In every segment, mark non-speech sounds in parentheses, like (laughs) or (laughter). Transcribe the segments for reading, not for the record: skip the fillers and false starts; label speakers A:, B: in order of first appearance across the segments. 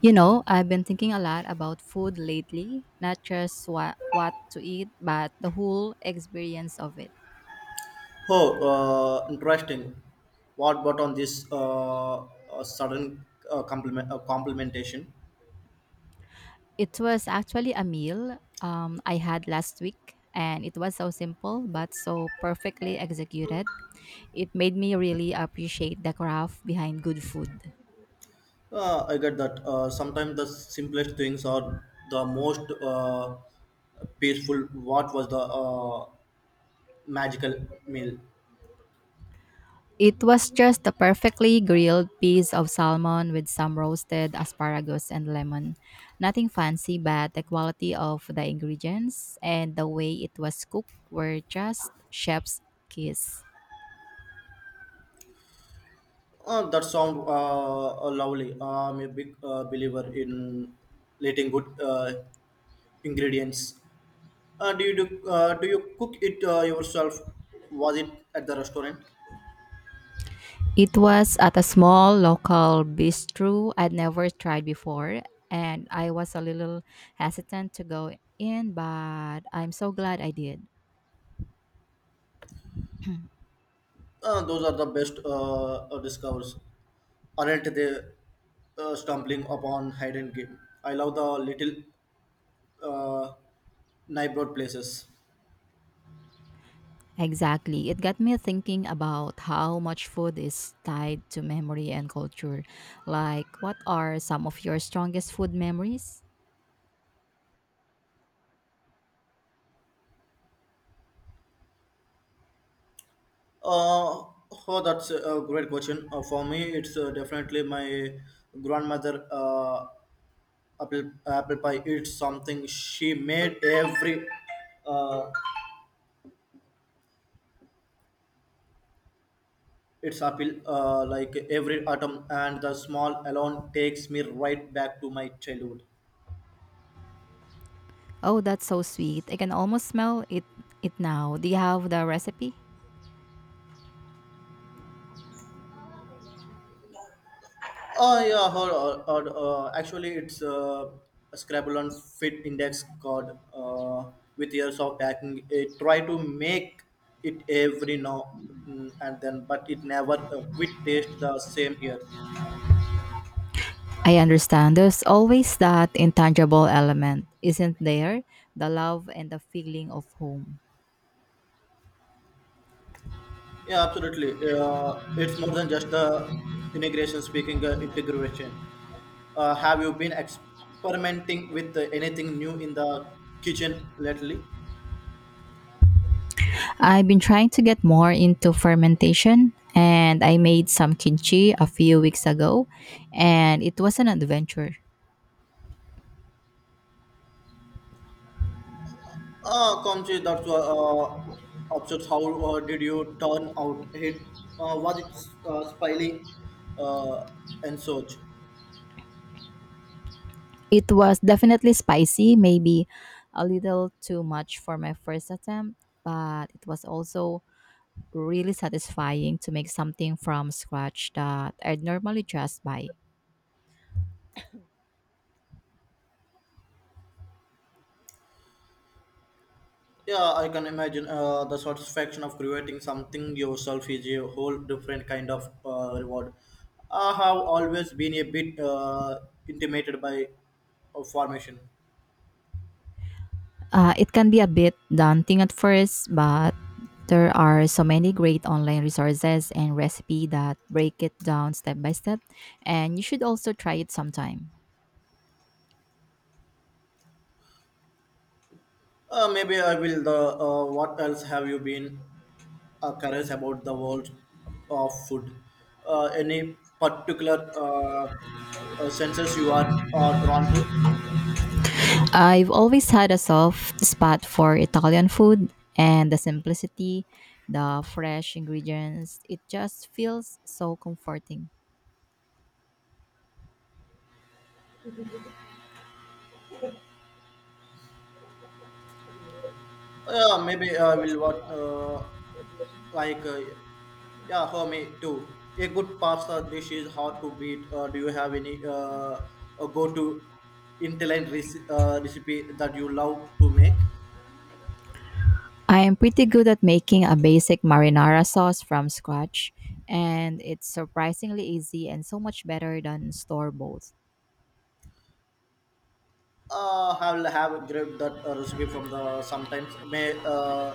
A: You know, I've been thinking a lot about food lately, not just what to eat, but the whole experience of it.
B: Oh, interesting. What about on this sudden compliment, complimentation?
A: It was actually a meal I had last week, and it was so simple but so perfectly executed. It made me really appreciate the craft behind good food.
B: I get that. Sometimes the simplest things are the most peaceful. What was the magical meal?
A: It was just a perfectly grilled piece of salmon with some roasted asparagus and lemon. Nothing fancy, but the quality of the ingredients and the way it was cooked were just chef's kiss.
B: That sound lovely. I'm a big believer in letting good ingredients. Do you do you cook it yourself? Was it at the restaurant?
A: It was at a small local bistro I'd never tried before, and I was a little hesitant to go in, but I'm so glad I did. (clears throat)
B: Those are the best discovers, aren't they? Stumbling upon hidden game. I love the little uh, neighborhood places.
A: Exactly. It got me thinking about how much food is tied to memory and culture. Like, what are some of your strongest food memories?
B: Uh, oh, that's a great question. For me, it's definitely my grandmother apple pie. It's something she made every. Uh, its apple. Like every autumn and the small alone takes me right back to my childhood.
A: Oh, that's so sweet. I can almost smell it now. Do you have the recipe?
B: Oh yeah, or actually, it's a Scrabble on Fit Index card. With years of hacking, it try to make it every now, and then, but it never quit taste the same here.
A: I understand. There's always that intangible element, isn't there? The love and the feeling of home.
B: Yeah, absolutely. It's more than just the integration. Speaking integration, have you been experimenting with anything new in the kitchen lately?
A: I've been trying to get more into fermentation, and I made some kimchi a few weeks ago and it was an adventure.
B: Kamchi, that's upsets. How did you turn out? Hit was it spily uh, and such?
A: It was definitely spicy, maybe a little too much for my first attempt, but it was also really satisfying to make something from scratch that I'd normally just buy.
B: Yeah, I can imagine the satisfaction of creating something yourself is a whole different kind of reward. I have always been a bit intimidated by formation.
A: It can be a bit daunting at first, but there are so many great online resources and recipe that break it down step by step, and you should also try it sometime.
B: Maybe I will. The what else have you been? Curious about the world of food. Any particular senses you are drawn to?
A: I've always had a soft spot for Italian food and the simplicity, the fresh ingredients. It just feels so comforting.
B: Maybe I will what like, yeah, for me too. A good pasta dish is hard to beat. Do you have any a go-to intelligent recipe that you love to make?
A: I am pretty good at making a basic marinara sauce from scratch, and it's surprisingly easy and so much better than store bought.
B: I will have grabbed that recipe from the sometimes may. Uh,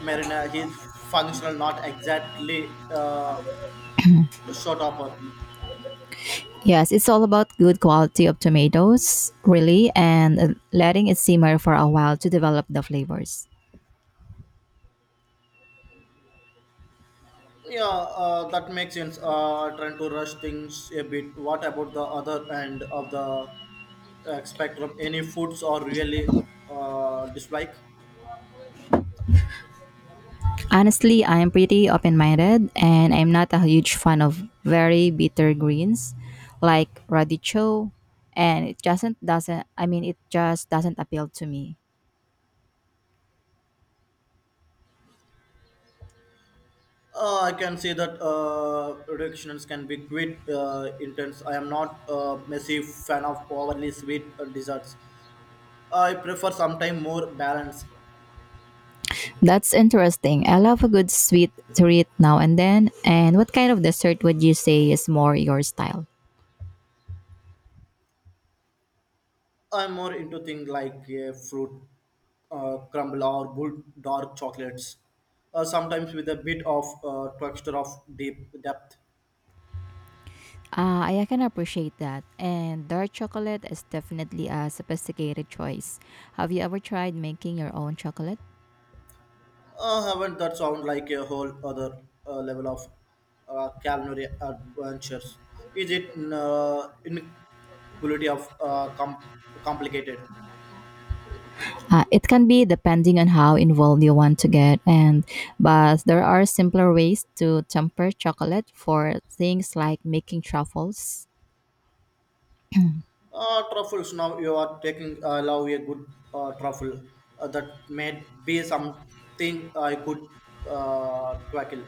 B: Marina, he's functional, not exactly short upper.
A: Yes, it's all about good quality of tomatoes, really, and letting it simmer for a while to develop the flavors.
B: Yeah, that makes sense. Trying to rush things a bit. What about the other end of the spectrum? Any foods or really dislike?
A: Honestly, I am pretty open minded, and I'm not a huge fan of very bitter greens like radicchio, and it doesn't I mean it just doesn't appeal to me.
B: I can see that reductions can be quite intense. I am not a massive fan of overly sweet desserts. I prefer sometime more balance.
A: That's interesting. I love a good sweet treat now and then. And what kind of dessert would you say is more your style?
B: I'm more into things like fruit crumble or good dark chocolates, sometimes with a bit of texture of deep depth.
A: Ah, I can appreciate that. And dark chocolate is definitely a sophisticated choice. Have you ever tried making your own chocolate?
B: Haven't that sound like a whole other level of culinary adventures? Is it inequality of com- complicated?
A: It can be depending on how involved you want to get, and but there are simpler ways to temper chocolate for things like making truffles. (clears throat)
B: Truffles now you are taking love a good truffle that may be something I could tackle.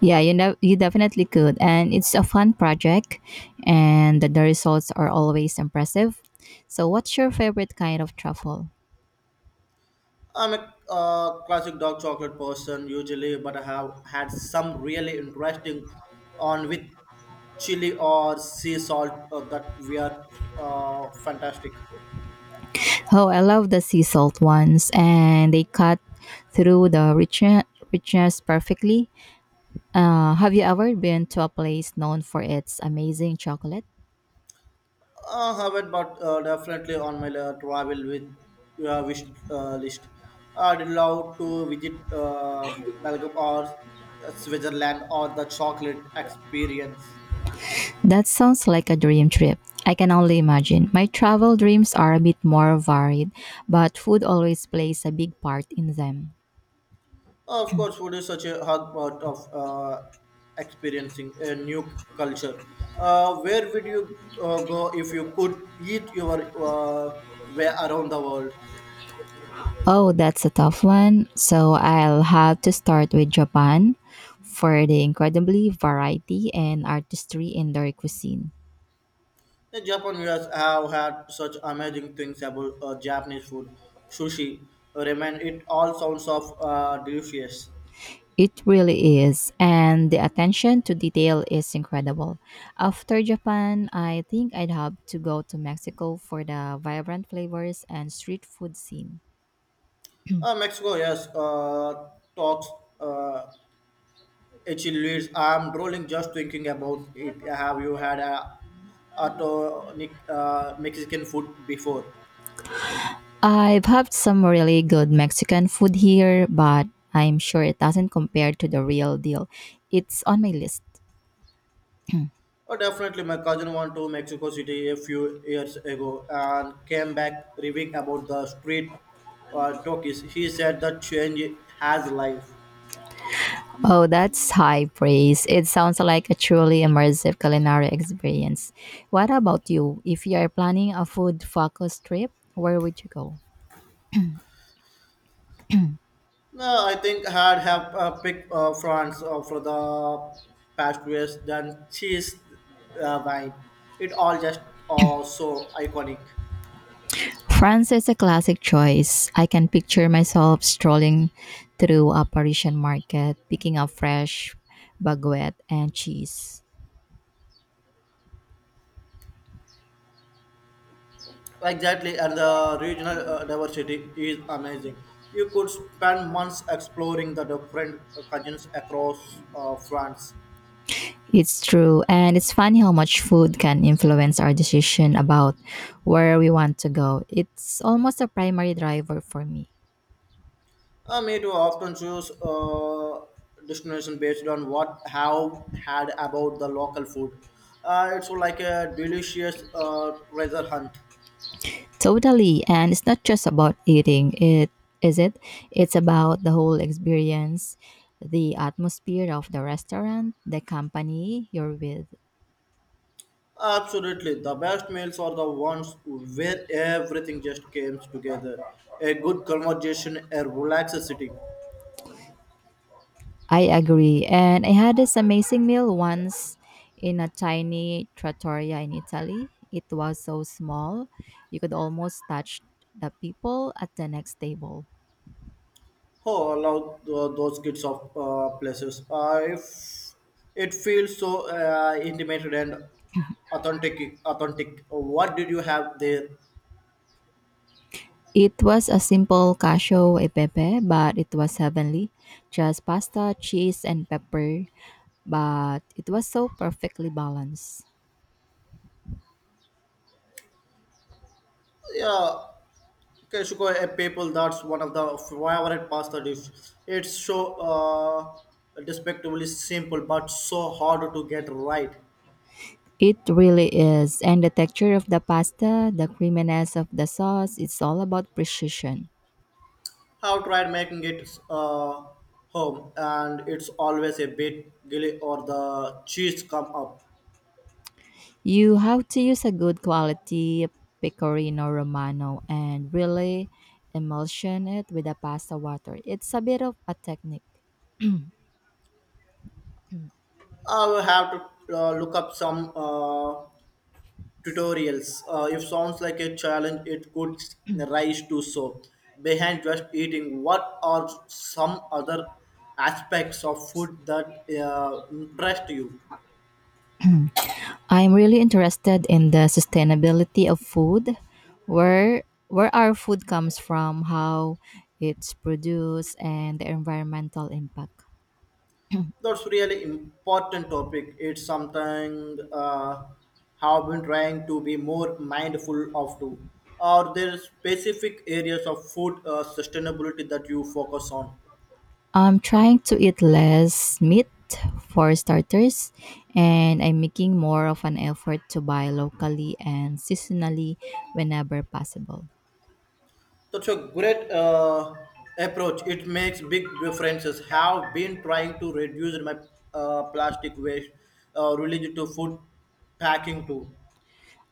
A: Yeah, you know, you definitely could, and it's a fun project, and the results are always impressive. So, what's your favorite kind of truffle?
B: I'm a classic dark chocolate person usually, but I have had some really interesting on with chili or sea salt that we are fantastic.
A: Oh, I love the sea salt ones, and they cut through the richness perfectly. Have you ever been to a place known for its amazing chocolate?
B: I haven't, but definitely on my travel with wish list. I'd love to visit Belgium or Switzerland or the chocolate experience.
A: That sounds like a dream trip. I can only imagine. My travel dreams are a bit more varied, but food always plays a big part in them.
B: Of course, food is such a hard part of experiencing a new culture. Where would you go if you could eat your way around the world?
A: Oh, that's a tough one. So I'll have to start with Japan for the incredibly variety and artistry in their cuisine.
B: The Japanese have had such amazing things about Japanese food, sushi. Remain it all sounds of delicious.
A: It really is, and the attention to detail is incredible. After Japan, I think I'd have to go to Mexico for the vibrant flavors and street food scene.
B: Mexico, yes, talks. Uh, It leads. I'm drooling just thinking about it. Have you had a tonic, Mexican food before?
A: I've had some really good Mexican food here, but I'm sure it doesn't compare to the real deal. It's on my list.
B: Oh, definitely. My cousin went to Mexico City a few years ago and came back raving about the street talkies. He said the change has life.
A: Oh, that's high praise. It sounds like a truly immersive culinary experience. What about you? If you are planning a food focus trip, where would you go?
B: No, I think I'd have picked France for the pastries than cheese wine. It all just so iconic.
A: France is a classic choice. I can picture myself strolling through a Parisian market, picking up fresh baguette and cheese.
B: Exactly, and the regional diversity is amazing. You could spend months exploring the different cuisines across France.
A: It's true. And it's funny how much food can influence our decision about where we want to go. It's almost a primary driver for me.
B: Me too often choose destination based on what have had about the local food. It's like a delicious treasure hunt.
A: Totally. And it's not just about eating, it is it? It's about the whole experience, the atmosphere of the restaurant, the company you're with.
B: Absolutely, the best meals are the ones where everything just comes together. A good conversation, a relaxed sitting.
A: I agree. And I had this amazing meal once in a tiny trattoria in Italy. It was so small, you could almost touch the people at the next table.
B: Oh, allow those kids of places. If it feels so intimate and authentic. What did you have there?
A: It was a simple cacio e pepe, but it was heavenly. Just pasta, cheese, and pepper, but it was so perfectly balanced.
B: Yeah, Keshuko a people. That's one of the favorite pasta dish. It's so despicably simple, but so hard to get right.
A: It really is. And the texture of the pasta, the creaminess of the sauce, it's all about precision.
B: I've tried making it home, and it's always a bit gilly or the cheese come up.
A: You have to use a good quality pecorino romano and really emulsion it with the pasta water. It's a bit of a technique. Mm.
B: I will have to look up some tutorials. If sounds like a challenge, it could rise to so. Behind just eating, what are some other aspects of food that impressed you?
A: I'm really interested in the sustainability of food, where our food comes from, how it's produced, and the environmental impact.
B: That's really important topic. It's something have been trying to be more mindful of too. Are there specific areas of food sustainability that you focus on?
A: I'm trying to eat less meat for starters, and I'm making more of an effort to buy locally and seasonally whenever possible.
B: That's a great approach. It makes big differences. Have been trying to reduce my plastic waste related to food packing too.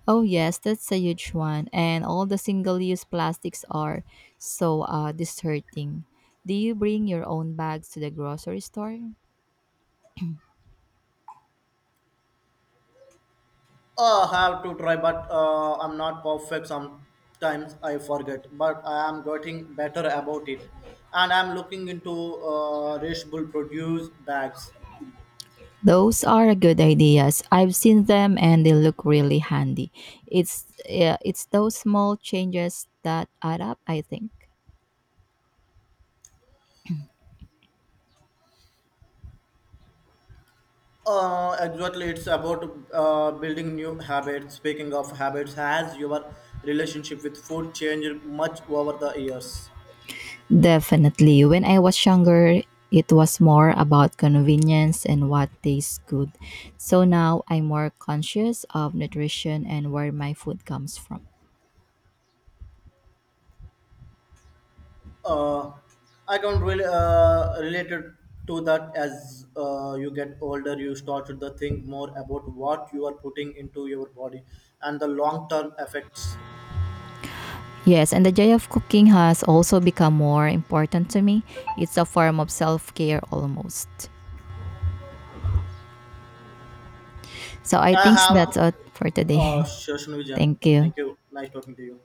A: Oh, yes, that's a huge one. And all the single use plastics are so disheartening. Do you bring your own bags to the grocery store?
B: I have to try, but I'm not perfect. Sometimes I forget, but I am getting better about it, and I'm looking into reusable produce bags.
A: Those are good ideas. I've seen them and they look really handy. It's those small changes that add up, I think.
B: Exactly. It's about building new habits. Speaking of habits, has your relationship with food changed much over the years?
A: Definitely. When I was younger, it was more about convenience and what tastes good. So now I'm more conscious of nutrition and where my food comes from.
B: Uh, I can really related to that as you get older, you start to think more about what you are putting into your body and the long term effects.
A: Yes, and the joy of cooking has also become more important to me. It's a form of self care almost. So I
B: I
A: think
B: have
A: that's all for today.
B: Shoshana
A: (laughs)
B: Vijan.
A: Thank
B: Thank
A: you.
B: you. Nice talking to you.